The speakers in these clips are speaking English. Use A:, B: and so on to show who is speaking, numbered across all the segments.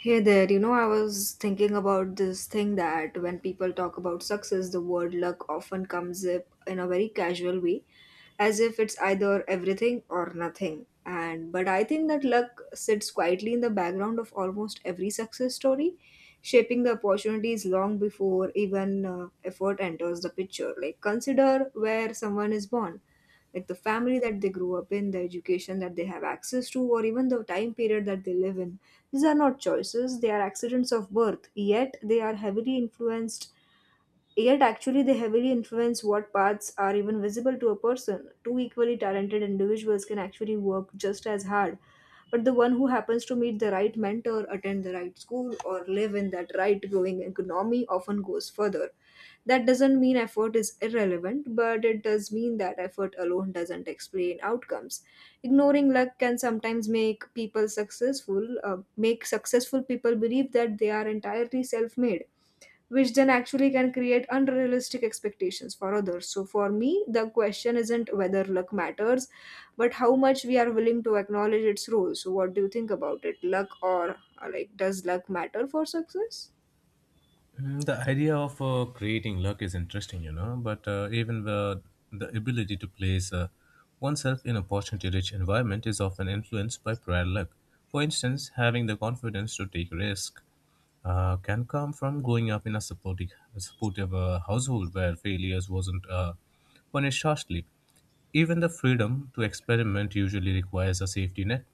A: Hey there, you know, I was thinking about this thing that when people talk about success, the word luck often comes up in a very casual way, as if it's either everything or nothing. And but I think that luck sits quietly in the background of almost every success story, shaping the opportunities long before even effort enters the picture. Like, consider where someone is born like the family that they grew up in, the education that they have access to, or even the time period that they live in. These are not choices, they are accidents of birth, Yet, actually, they heavily influence what paths are even visible to a person. Two equally talented individuals can actually work just as hard, but the one who happens to meet the right mentor, attend the right school, or live in that right growing economy often goes further. That doesn't mean effort is irrelevant, but it does mean that effort alone doesn't explain outcomes. Ignoring luck can sometimes make successful people believe that they are entirely self made, which then actually can create unrealistic expectations for others. So, for me, the question isn't whether luck matters, but how much we are willing to acknowledge its role. So, what do you think about it? Does luck matter for success?
B: Mm, the idea of creating luck is interesting, you know, but even the ability to place oneself in a opportunity rich environment is often influenced by prior luck. For instance, having the confidence to take risk can come from growing up in a supportive household where failures wasn't punished harshly. Even the freedom to experiment usually requires a safety net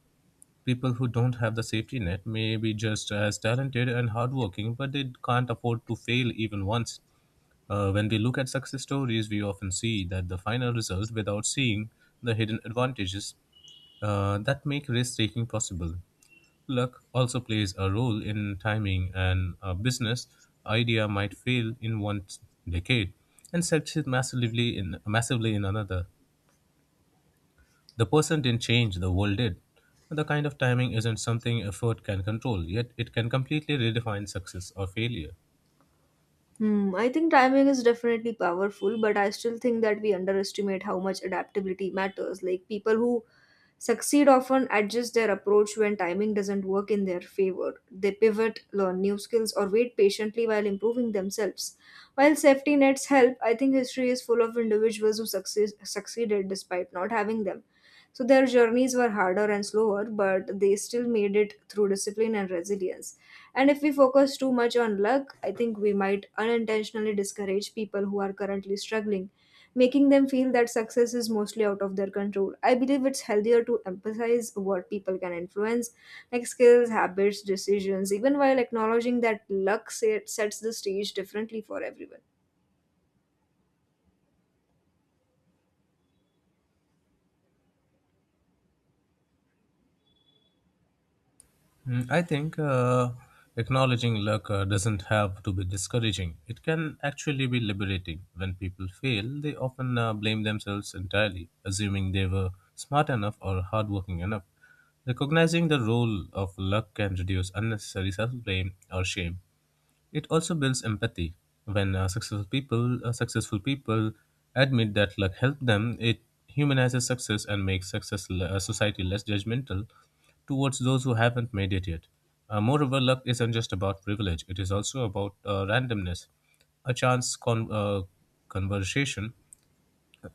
B: people who don't have the safety net may be just as talented and hardworking, but they can't afford to fail even once. When we look at success stories, we often see that the final result without seeing the hidden advantages that make risk taking possible. Luck also plays a role in timing, and a business idea might fail in one decade and succeed massively in another. The person didn't change, the world did. The kind of timing isn't something effort can control, yet it can completely redefine success or failure.
A: Hmm, I think timing is definitely powerful, but I still think that we underestimate how much adaptability matters. Like people who succeed often adjust their approach when timing doesn't work in their favor. They pivot, learn new skills, or wait patiently while improving themselves. While safety nets help, I think history is full of succeeded despite not having them. So their journeys were harder and slower, but they still made it through discipline and resilience. And if we focus too much on luck, I think we might unintentionally discourage people who are currently struggling, making them feel that success is mostly out of their control. I believe it's healthier to emphasize what people can influence, like skills, habits, decisions, even while acknowledging that sets the stage differently for everyone.
B: Mm, I think acknowledging luck doesn't have to be discouraging. It can actually be liberating. When people fail, they often blame themselves entirely, assuming they were smart enough or hardworking enough. Recognizing the role of luck can reduce unnecessary self blame or shame. It also builds empathy. When successful people admit that luck helped them, it humanizes success and makes society less judgmental towards those who haven't made it yet. Moreover, luck isn't just about privilege; it is also about randomness, a conversation,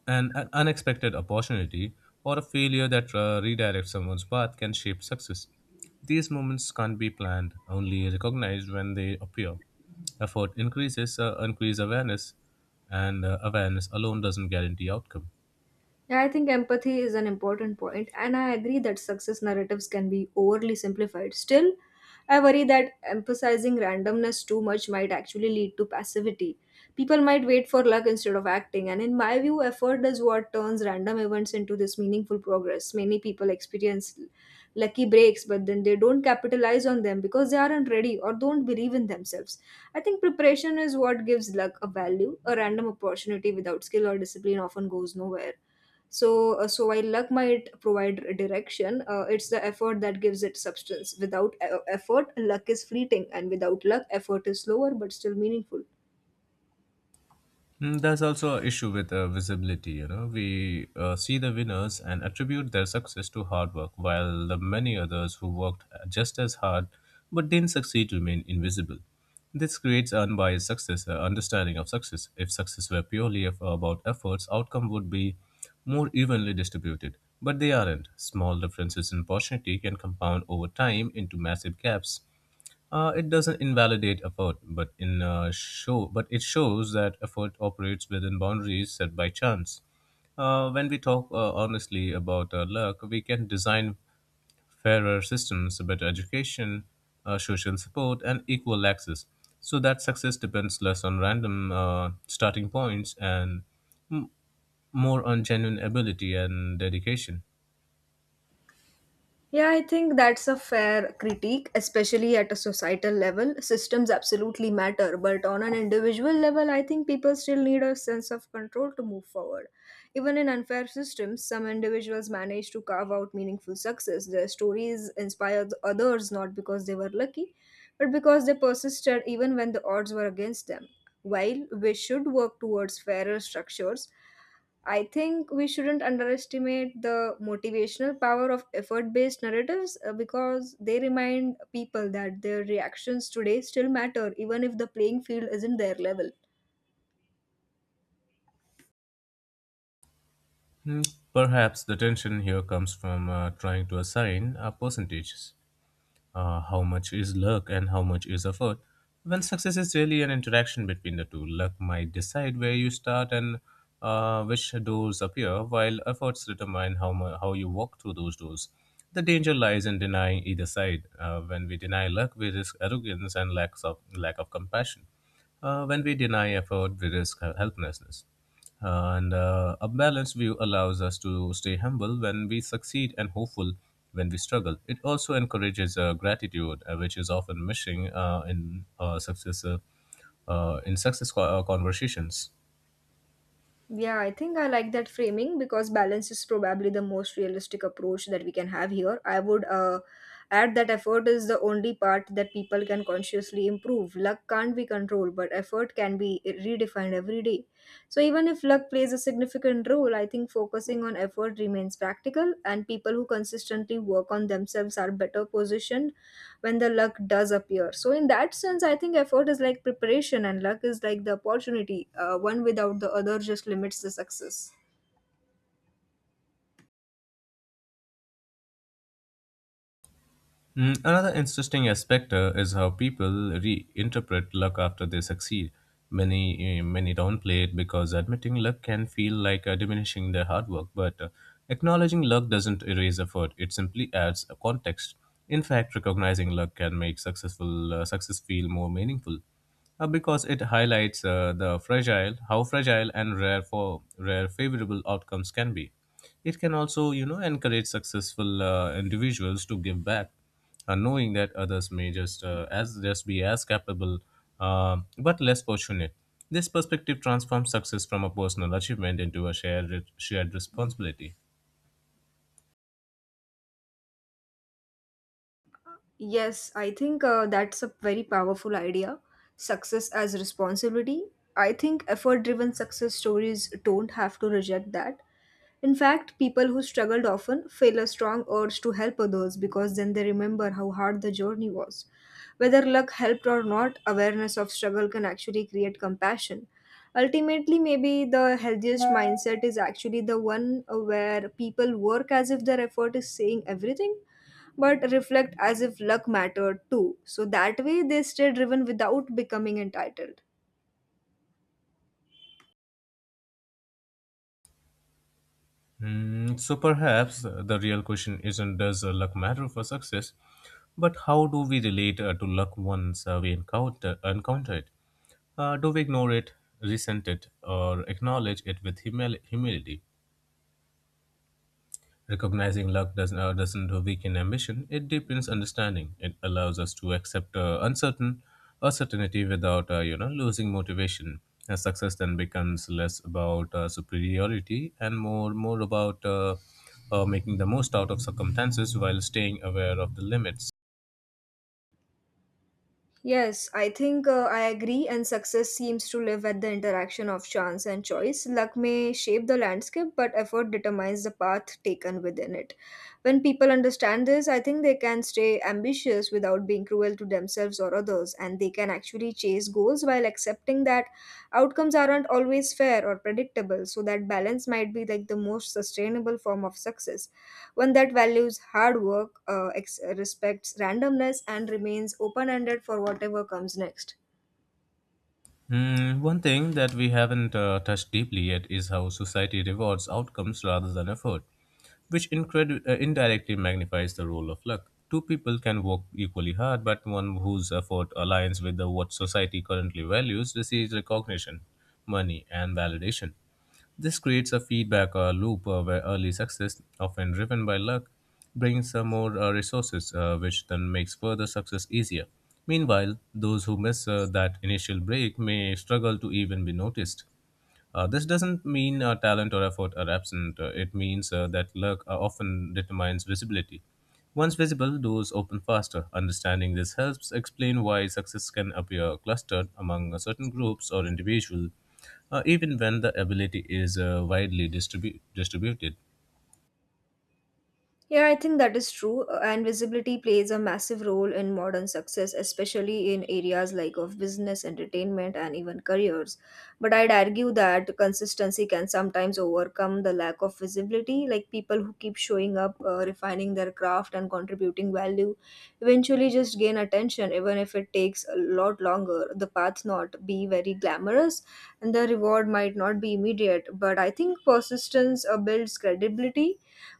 B: an unexpected opportunity or a failure that redirects someone's path can shape success. These moments can't be planned, only recognized when they appear. Increase awareness, and awareness alone doesn't guarantee outcome.
A: Yeah, I think empathy is an important point, and I agree that success narratives can be overly simplified. Still, I worry that emphasizing randomness too much might actually lead to passivity. People might wait for luck instead of acting, and in my view, effort is what turns random events into this meaningful progress. Many people experience lucky breaks, but then they don't capitalize on them because they aren't ready or don't believe in themselves. I think preparation is what gives luck a value. A random opportunity without skill or discipline often goes nowhere. So while luck might provide direction, it's the effort that gives it substance. Without effort, luck is fleeting, and without luck, effort is slower but still meaningful.
B: Mm, there's also an issue with visibility. You know, we see the winners and attribute their success to hard work, while the many others who worked just as hard but didn't succeed remain invisible. This creates understanding of success. If success were about efforts, outcome would be more evenly distributed. But they aren't. Small differences in opportunity can compound over time into massive gaps it doesn't invalidate effort, but it shows that effort operates within boundaries set by chance. When we talk honestly about luck, we can design fairer systems, better education, social support, and equal access, so that success depends less on random starting points and m- more on genuine ability and dedication.
A: Yeah, I think that's a fair critique, especially at a societal level. Systems absolutely matter, but on an individual level, I think people still need a sense of control to move forward. Even in unfair systems, some individuals manage to carve out meaningful success. Their stories inspire the others not because they were lucky, but because they persisted even when the odds were against them. While we should work towards fairer structures, I think we shouldn't underestimate the motivational power of effort based narratives because they remind people that their reactions today still matter, even if the playing field isn't their level.
B: Hmm, perhaps the tension here comes from trying to assign percentages. How much is luck and how much is effort. Well, success is really an interaction between the two. Luck might decide where you start and which doors appear, while efforts determine how you walk through those doors. The danger lies in denying either side. When we deny luck, we risk arrogance and lack of compassion. When we deny effort, we risk helplessness. And a balanced view allows us to stay humble when we succeed and hopeful when we struggle. It also encourages gratitude, which is often missing in success conversations.
A: Yeah, I think I like that framing because balance is probably the most realistic approach that we can have here. I would add that effort is the only part that people can consciously improve. Luck can't be controlled, but effort can be redefined every day. So, even if luck plays a significant role, I think focusing on effort remains practical, and people who consistently work on themselves are better positioned when the luck does appear. So in that sense, I think effort is like preparation and luck is like the opportunity. One without the other just limits the success.
B: Mm, another interesting aspect is how people reinterpret luck after they succeed. Many downplay it because admitting luck can feel like diminishing their hard work, but acknowledging luck doesn't erase effort. It simply adds a context. In fact, recognizing luck can make success feel more meaningful because it highlights how fragile and rare favorable outcomes can be. It can also, you know, encourage successful individuals to give back, knowing that others may just be as capable, but less fortunate. This perspective transforms success from a personal achievement into a shared responsibility.
A: Yes, I think that's a very powerful idea. Success as responsibility. I think effort driven success stories don't have to reject that. In fact, people who struggled often feel a strong urge to help others because then they remember how hard the journey was. Whether luck helped or not, awareness of struggle can actually create compassion. Ultimately, maybe the healthiest mindset is actually the one where people work as if their effort is saying everything but reflect as if luck mattered too. So that way they stay driven without becoming entitled.
B: Mm, so perhaps the real question isn't does luck matter for success, but how do we relate to luck once we encounter it? Do we ignore it, resent it, or acknowledge it with humility? Recognizing luck doesn't weaken ambition, it deepens understanding. It allows us to accept uncertainty without you know losing motivation. And success then becomes less about superiority and more about making the most out of circumstances while staying aware of the limits.
A: Yes, I think I agree, and success seems to live at the interaction of chance and choice. Luck may shape the landscape, but effort determines the path taken within it. When people understand this, I think they can stay ambitious without being cruel to themselves or others, and they can actually chase goals while accepting that outcomes aren't always fair or predictable. So, that balance might be like the most sustainable form of success, one that values hard work, respects randomness, and remains open ended for whatever comes next.
B: Mm, one thing that we haven't touched deeply yet is how society rewards outcomes rather than effort, which indirectly magnifies the role of luck. Two people can work equally hard, but one whose effort aligns with what society currently values receives recognition, money, and validation. This creates a feedback loop where early success, often driven by luck, brings more resources, which then makes further success easier. Meanwhile, those who miss that initial break may struggle to even be noticed. This doesn't mean talent or effort are absent. It means that luck often determines visibility. Once visible, doors open faster. Understanding this helps explain why success can appear clustered among certain groups or individuals, even when the ability is widely distributed.
A: Yeah, I think that is true. And visibility plays a massive role in modern success, especially in areas like of business, entertainment, and even careers. But I'd argue that consistency can sometimes overcome the lack of visibility. Like people who keep showing up, refining their craft, and contributing value, eventually just gain attention, even if it takes a lot longer. The path not be very glamorous, and the reward might not be immediate. But I think persistence builds credibility.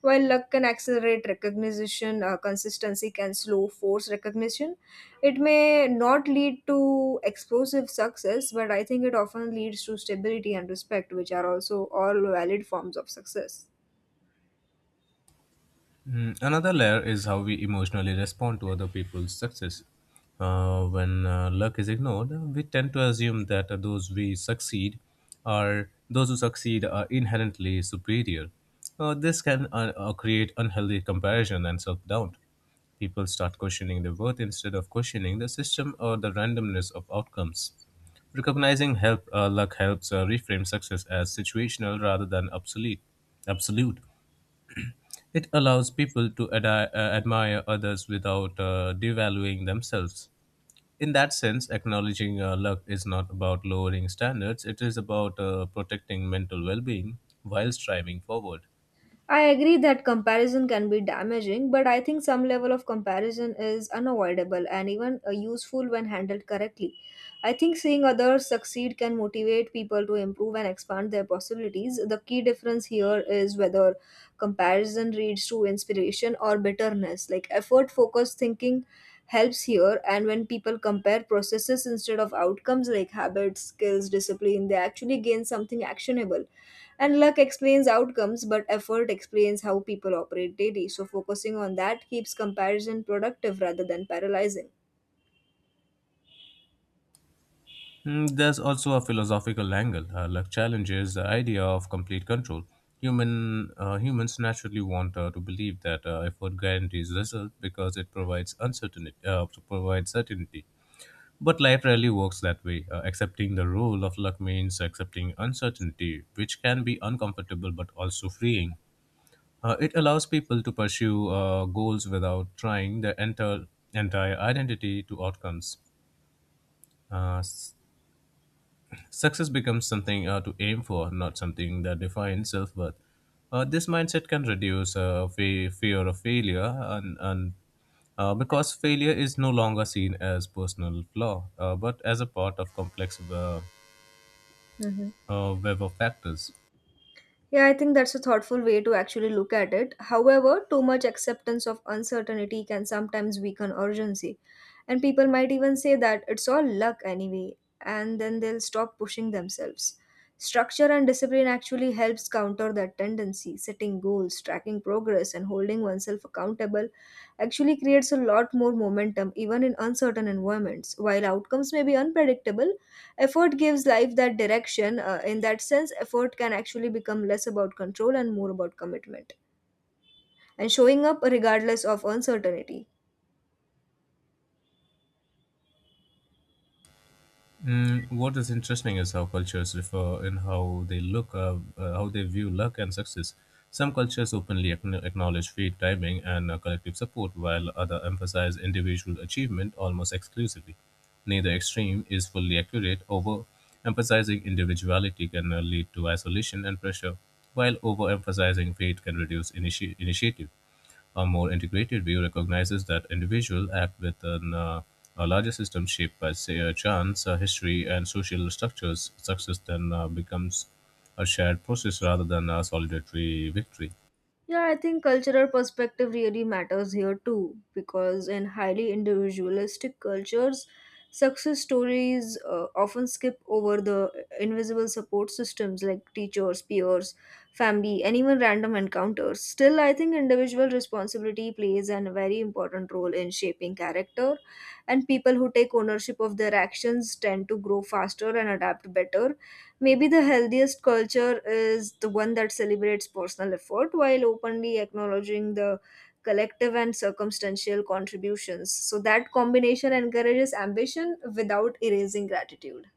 A: While luck can accelerate recognition, consistency can slow force recognition. It may not lead to explosive success, but I think it often leads to stability and respect, which are also all valid forms of success.
B: Mm, another layer is how we emotionally respond to other people's success. When luck is ignored, we tend to assume that those we succeed are those who succeed are inherently superior. This can create unhealthy comparison and self-doubt. People start questioning their worth instead of questioning the system or the randomness of outcomes. Recognizing help luck helps reframe success as situational rather than absolute. It allows people to admire others without devaluing themselves. In that sense, acknowledging luck is not about lowering standards, it is about protecting mental well being while striving forward.
A: I agree that comparison can be damaging, but I think some level of comparison is unavoidable and even useful when handled correctly. I think seeing others succeed can motivate people to improve and expand their possibilities. The key difference here is whether comparison leads to inspiration or bitterness. Like effort focused thinking helps here, and when people compare processes instead of outcomes like habits, skills, discipline, they actually gain something actionable, and luck explains outcomes, but effort explains how people operate daily. So focusing on that keeps comparison productive rather than paralyzing.
B: Mm, there's also a philosophical angle. Luck challenges the idea of complete control. Humans naturally want to believe that effort guarantees result because it provides provides certainty. But life rarely works that way. Accepting the role of luck means accepting uncertainty, which can be uncomfortable but also freeing. It allows people to pursue goals without trying their entire identity to outcomes. Uh, s- success becomes something to aim for, not something that defines self worth. This mindset can reduce fear of failure and because failure is no longer seen as personal flaw, but as a part of complex web of factors.
A: Yeah, I think that's a thoughtful way to actually look at it. However, too much acceptance of uncertainty can sometimes weaken urgency. And people might even say that it's all luck anyway, and then they'll stop pushing themselves. Structure and discipline actually helps counter that tendency. Setting goals, tracking progress, and holding oneself accountable actually creates a lot more momentum even in uncertain environments. While outcomes may be unpredictable, effort gives life that direction. In that sense, effort can actually become less about control and more about commitment and showing up regardless of uncertainty.
B: Mm, what is interesting is how cultures differ in how they how they view luck and success. Some cultures openly acknowledge fate, timing, and collective support, while others emphasize individual achievement almost exclusively. Neither extreme is fully accurate. Overemphasizing individuality can lead to isolation and pressure, while overemphasizing fate can reduce initiative. A more integrated view recognizes that individuals act within a larger system shaped by, say, chance, history, and social structures. Success then becomes a shared process rather than a solitary victory.
A: Yeah, I think cultural perspective really matters here too, because in highly individualistic cultures, success stories often skip over the invisible support systems like teachers, peers, family, and even random encounters. Still, I think individual responsibility plays a very important role in shaping character, and people who take ownership of their actions tend to grow faster and adapt better. Maybe the healthiest culture is the one that celebrates personal effort while openly acknowledging the collective and circumstantial contributions. So that combination encourages ambition without erasing gratitude.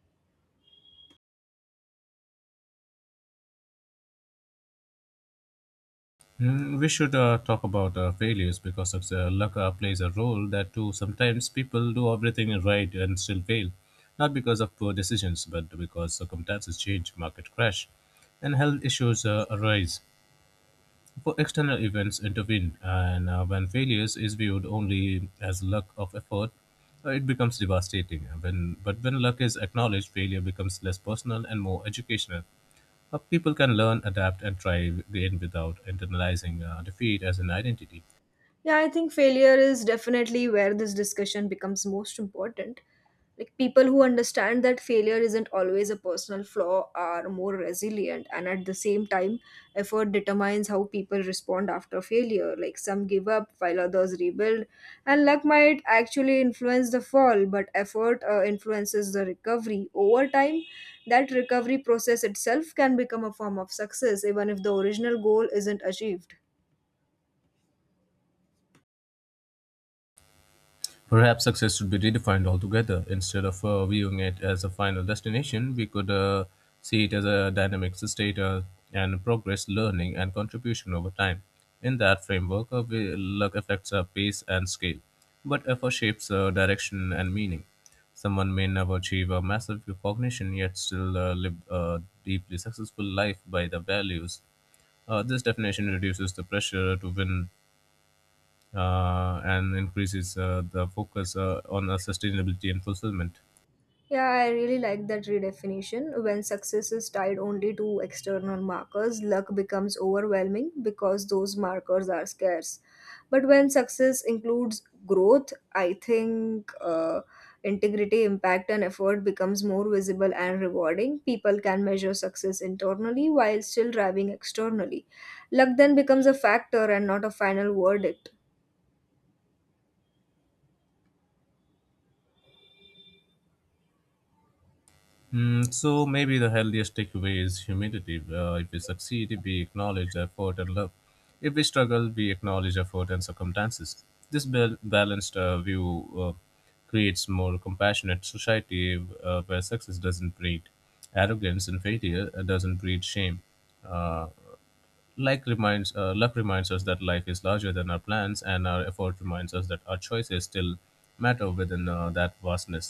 B: Mm, we should talk about failures because of the luck plays a role that too. Sometimes people do everything right and still fail, not because of poor decisions, but because circumstances change, market crash, and health issues arise. For external events intervene, and when failures is viewed only as luck of effort, it becomes devastating. But when luck is acknowledged, failure becomes less personal and more educational. People can learn, adapt, and try again without internalizing defeat as an identity.
A: Yeah, I think failure is definitely where this discussion becomes most important. Like people who understand that failure isn't always a personal flaw are more resilient, and at the same time, effort determines how people respond after failure. Like some give up while others rebuild, and luck might actually influence the fall, but effort influences the recovery. Over time, that recovery process itself can become a form of success, even if the original goal isn't achieved.
B: Perhaps success should be redefined altogether. Instead of viewing it as a final destination, we could see it as a dynamic state and progress, learning, and contribution over time. In that framework, luck affects our pace and scale, but effort shapes direction and meaning. Someone may never achieve a massive recognition yet still live a deeply successful life by the values. This definition reduces the pressure to win and increases the focus on sustainability and fulfillment.
A: Yeah, I really like that redefinition. When success is tied only to external markers, luck becomes overwhelming because those markers are scarce. But when success includes growth, I think integrity, impact, and effort becomes more visible and rewarding. People can measure success internally while still driving externally. Luck then becomes a factor and not a final verdict.
B: Mm, so maybe the healthiest takeaway is humility. If we succeed, we acknowledge effort and love. If we struggle, we acknowledge effort and circumstances. This balanced view creates more compassionate society where success doesn't breed arrogance and failure doesn't breed shame. Uh, luck reminds us that life is larger than our plans, and our effort reminds us that our choices still matter within that vastness.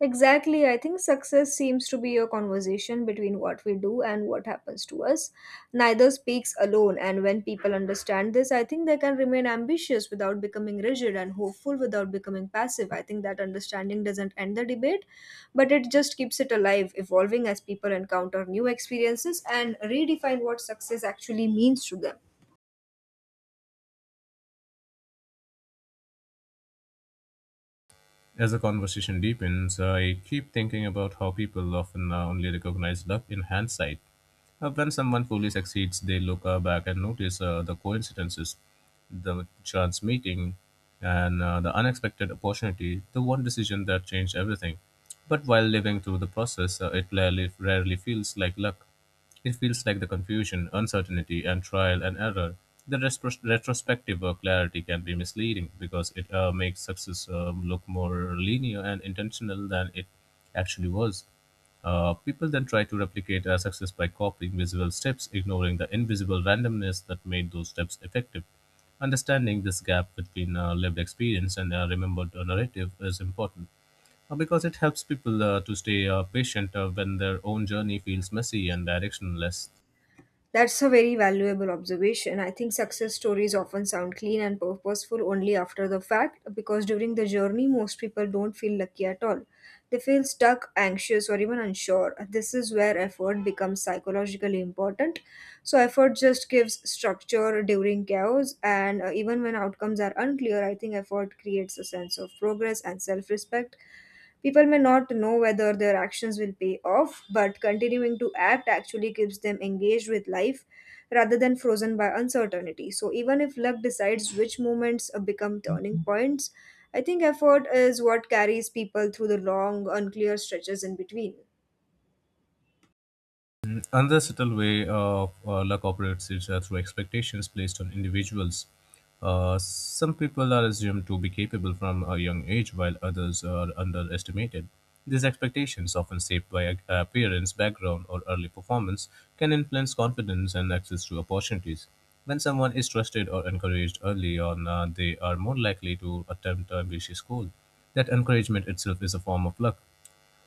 A: Exactly. I think success seems to be a conversation between what we do and what happens to us. Neither speaks alone, and when people understand this, I think they can remain ambitious without becoming rigid and hopeful without becoming passive. I think that understanding doesn't end the debate, but it just keeps it alive, evolving as people encounter new experiences and redefine what success actually means to them.
B: As the conversation deepens, I keep thinking about how people often only recognize luck in hindsight. When someone fully succeeds, they look back and notice the coincidences, the chance meeting, and the unexpected opportunity, the one decision that changed everything. But while living through the process, it rarely feels like luck. It feels like the confusion, uncertainty, and trial and error. The retrospective clarity can be misleading because it makes success look more linear and intentional than it actually was. People then try to replicate a success by copying visible steps, ignoring the invisible randomness that made those steps effective. Understanding this gap between lived experience and remembered narrative is important because it helps people to stay patient when their own journey feels messy and directionless.
A: That's a very valuable observation. I think success stories often sound clean and purposeful only after the fact because during the journey, most people don't feel lucky at all. They feel stuck, anxious, or even unsure. This is where effort becomes psychologically important. So, effort just gives structure during chaos, and even when outcomes are unclear, I think effort creates a sense of progress and self respect. People may not know whether their actions will pay off, but continuing to act actually keeps them engaged with life rather than frozen by uncertainty. So, even if luck decides which moments become turning points, I think effort is what carries people through the long, unclear stretches in between.
B: Another subtle way of luck operates is through expectations placed on individuals. Some people are assumed to be capable from a young age, while others are underestimated. These expectations, often shaped by appearance, background, or early performance, can influence confidence and access to opportunities. When someone is trusted or encouraged early on, they are more likely to attempt ambitious goals. That encouragement itself is a form of luck.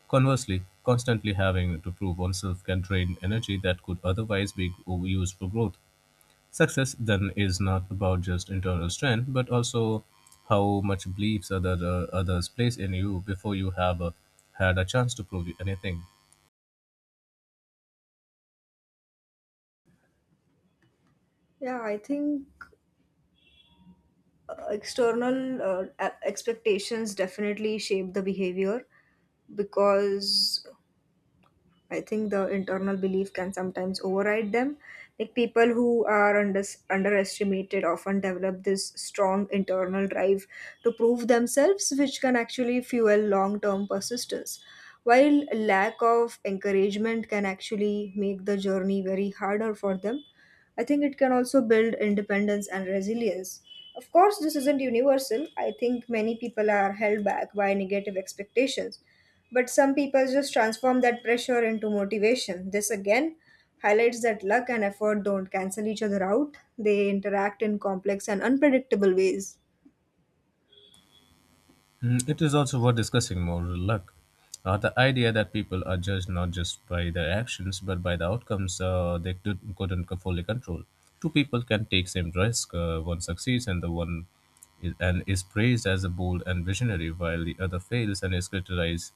B: Conversely, constantly having to prove oneself can drain energy that could otherwise be used for growth. Success, then, is not about just internal strength, but also how much beliefs others place in you before you have had a chance to prove anything.
A: Yeah, I think external expectations definitely shape the behavior because I think the internal belief can sometimes override them. Like people who are underestimated often develop this strong internal drive to prove themselves, which can actually fuel long term persistence. While lack of encouragement can actually make the journey very harder for them, I think it can also build independence and resilience. Of course, this isn't universal. I think many people are held back by negative expectations. But some people just transform that pressure into motivation. This again highlights that luck and effort don't cancel each other out, they interact in complex and unpredictable ways.
B: Mm, it is also worth discussing moral luck. The idea that people are judged not just by their actions but by the outcomes they couldn't fully control. Two people can take same risk. One succeeds and the one is praised as a bold and visionary, while the other fails and is criticized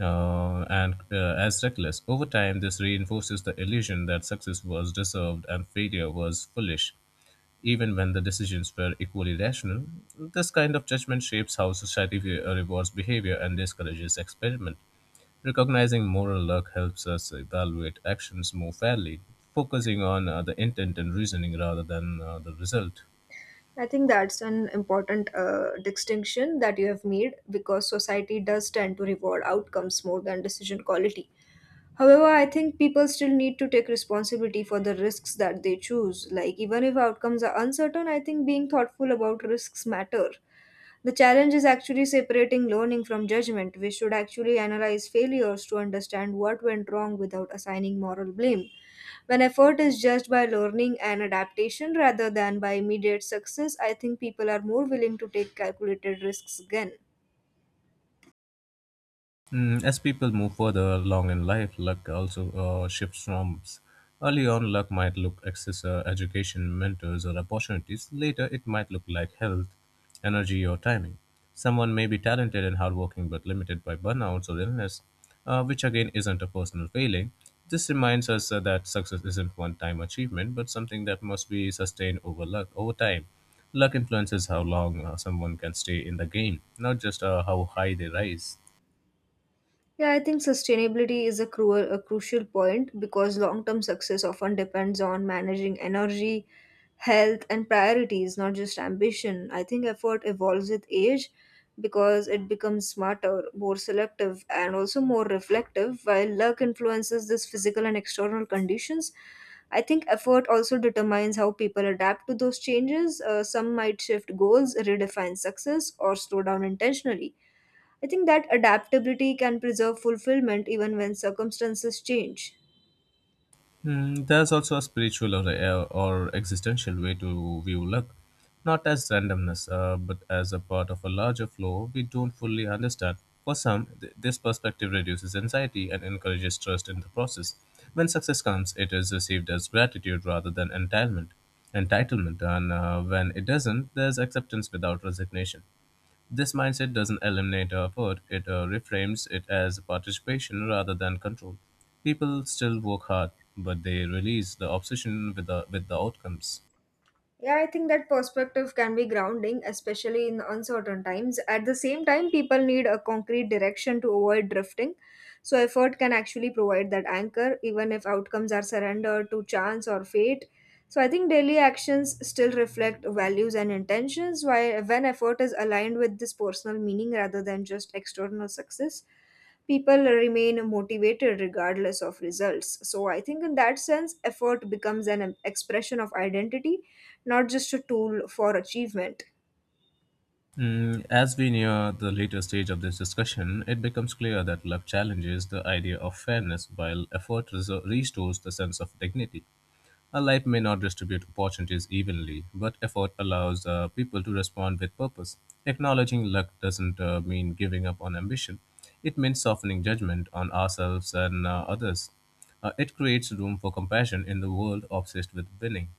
B: and as reckless. Over time, this reinforces the illusion that success was deserved and failure was foolish, even when the decisions were equally rational. This kind of judgment shapes how society rewards behavior and discourages experiment. Recognizing moral luck helps us evaluate actions more fairly, focusing on the intent and reasoning rather than the result.
A: I think that's an important distinction that you have made because society does tend to reward outcomes more than decision quality. However, I think people still need to take responsibility for the risks that they choose. Like, even if outcomes are uncertain, I think being thoughtful about risks matter. The challenge is actually separating learning from judgment. We should actually analyze failures to understand what went wrong without assigning moral blame. When effort is judged by learning and adaptation rather than by immediate success, I think people are more willing to take calculated risks again.
B: Mm, as people move further along in life, luck also shifts norms. Early on, luck might look access, education, mentors, or opportunities. Later, it might look like health, energy, or timing. Someone may be talented and hardworking but limited by burnouts or illness, which again isn't a personal failing. This reminds us that success isn't one-time achievement, but something that must be sustained over luck over time. Luck influences how long someone can stay in the game, not just how high they rise.
A: Yeah, I think sustainability is a crucial point because long term success often depends on managing energy, health, and priorities, not just ambition. I think effort evolves with age because it becomes smarter, more selective, and also more reflective. While luck influences this physical and external conditions, I think effort also determines how people adapt to those changes. Some might shift goals, redefine success, or slow down intentionally. I think that adaptability can preserve fulfillment even when circumstances change.
B: Mm, there's also a spiritual or existential way to view luck, not as randomness, but as a part of a larger flow we don't fully understand. For some, this perspective reduces anxiety and encourages trust in the process. When success comes, it is received as gratitude rather than entitlement. Entitlement, and When it doesn't, there's acceptance without resignation. This mindset doesn't eliminate effort, it reframes it as participation rather than control. People still work hard, but they release the obsession with with the outcomes.
A: Yeah, I think that perspective can be grounding, especially in uncertain times. At the same time, people need a concrete direction to avoid drifting. So, effort can actually provide that anchor, even if outcomes are surrendered to chance or fate. So, I think daily actions still reflect values and intentions, while when effort is aligned with this personal meaning rather than just external success, people remain motivated regardless of results. So I think in that sense, effort becomes an expression of identity, not just a tool for achievement.
B: Mm, as we near the later stage of this discussion, it becomes clear that luck challenges the idea of fairness while effort restores the sense of dignity. Life may not distribute opportunities evenly, but effort allows people to respond with purpose. Acknowledging luck doesn't mean giving up on ambition, it means softening judgment on ourselves and others. It creates room for compassion in the world obsessed with winning.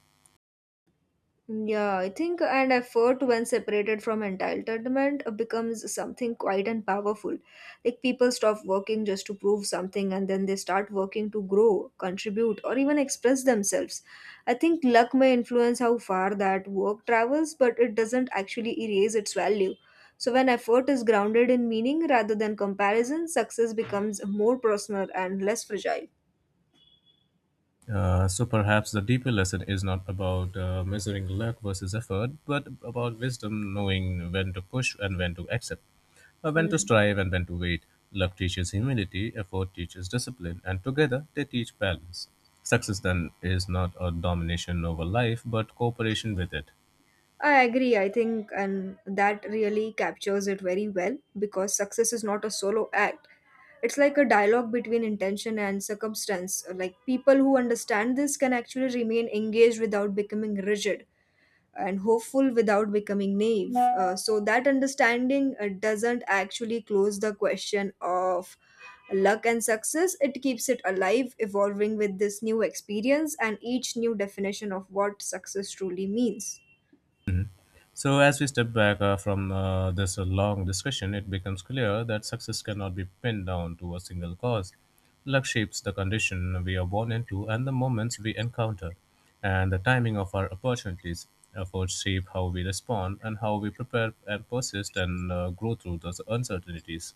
A: Yeah, I think and effort when separated from entitlement becomes something quite and powerful. Like people stop working just to prove something and then they start working to grow, contribute, or even express themselves. I think luck may influence how far that work travels, but it doesn't actually erase its value. So when effort is grounded in meaning rather than comparison, success becomes more personal and less fragile.
B: So perhaps the deeper lesson is not about measuring luck versus effort, but about wisdom knowing when to push and when to accept. When to
A: Hmm.
B: strive and when to wait. Love teaches humility, effort teaches discipline, and together they teach balance. Success then is not a domination over life, but cooperation with it.
A: I agree, I think, and that really captures it very well because success is not a solo act. It's like a dialogue between intention and circumstance. Like people who understand this can actually remain engaged without becoming rigid and hopeful without becoming naive. So that understanding doesn't actually close the question of luck and success. It keeps it alive, evolving with this new experience and each new definition of what success truly means.
B: So, as we step back from this long discussion, it becomes clear that success cannot be pinned down to a single cause. Luck shapes the condition we are born into and the moments we encounter, and the timing of our opportunities. Efforts shape how we respond and how we prepare and persist and grow through those uncertainties.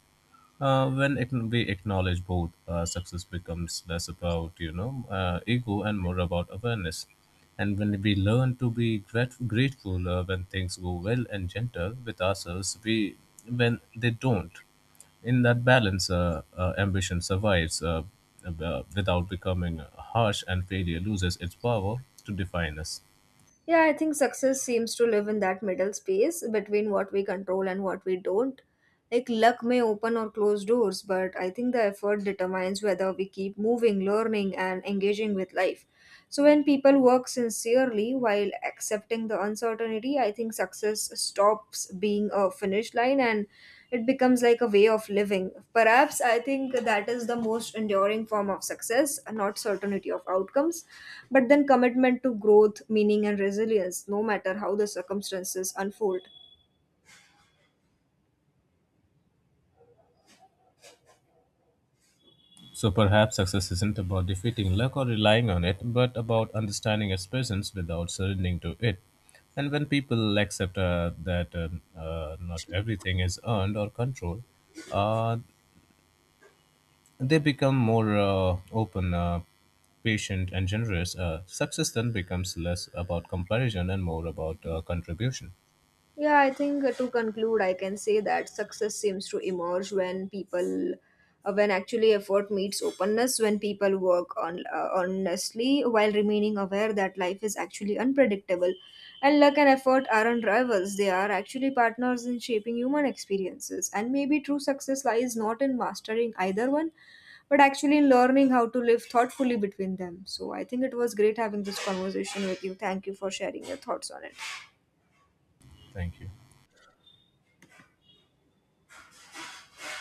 B: When we acknowledge both, success becomes less about ego and more about awareness. And when we learn to be grateful when things go well and gentle with ourselves, we when they don't. In that balance, ambition survives without becoming harsh, and failure loses its power to define us.
A: Yeah, I think success seems to live in that middle space between what we control and what we don't. Like luck may open or close doors, but I think the effort determines whether we keep moving, learning, and engaging with life. So when people work sincerely while accepting the uncertainty, I think success stops being a finish line and it becomes like a way of living. Perhaps I think that is the most enduring form of success, not certainty of outcomes, but then commitment to growth, meaning, and resilience, no matter how the circumstances unfold.
B: So perhaps success isn't about defeating luck or relying on it, but about understanding its presence without surrendering to it. And when people accept that not everything is earned or controlled, uh, they become more open, patient, and generous. Success then becomes less about comparison and more about contribution.
A: Yeah, I think to conclude, I can say that success seems to emerge when when actually effort meets openness, when people work on honestly while remaining aware that life is actually unpredictable, and luck and effort aren't rivals; they are actually partners in shaping human experiences. And maybe true success lies not in mastering either one, but actually in learning how to live thoughtfully between them. So I think it was great having this conversation with you. Thank you for sharing your thoughts on it.
B: Thank you.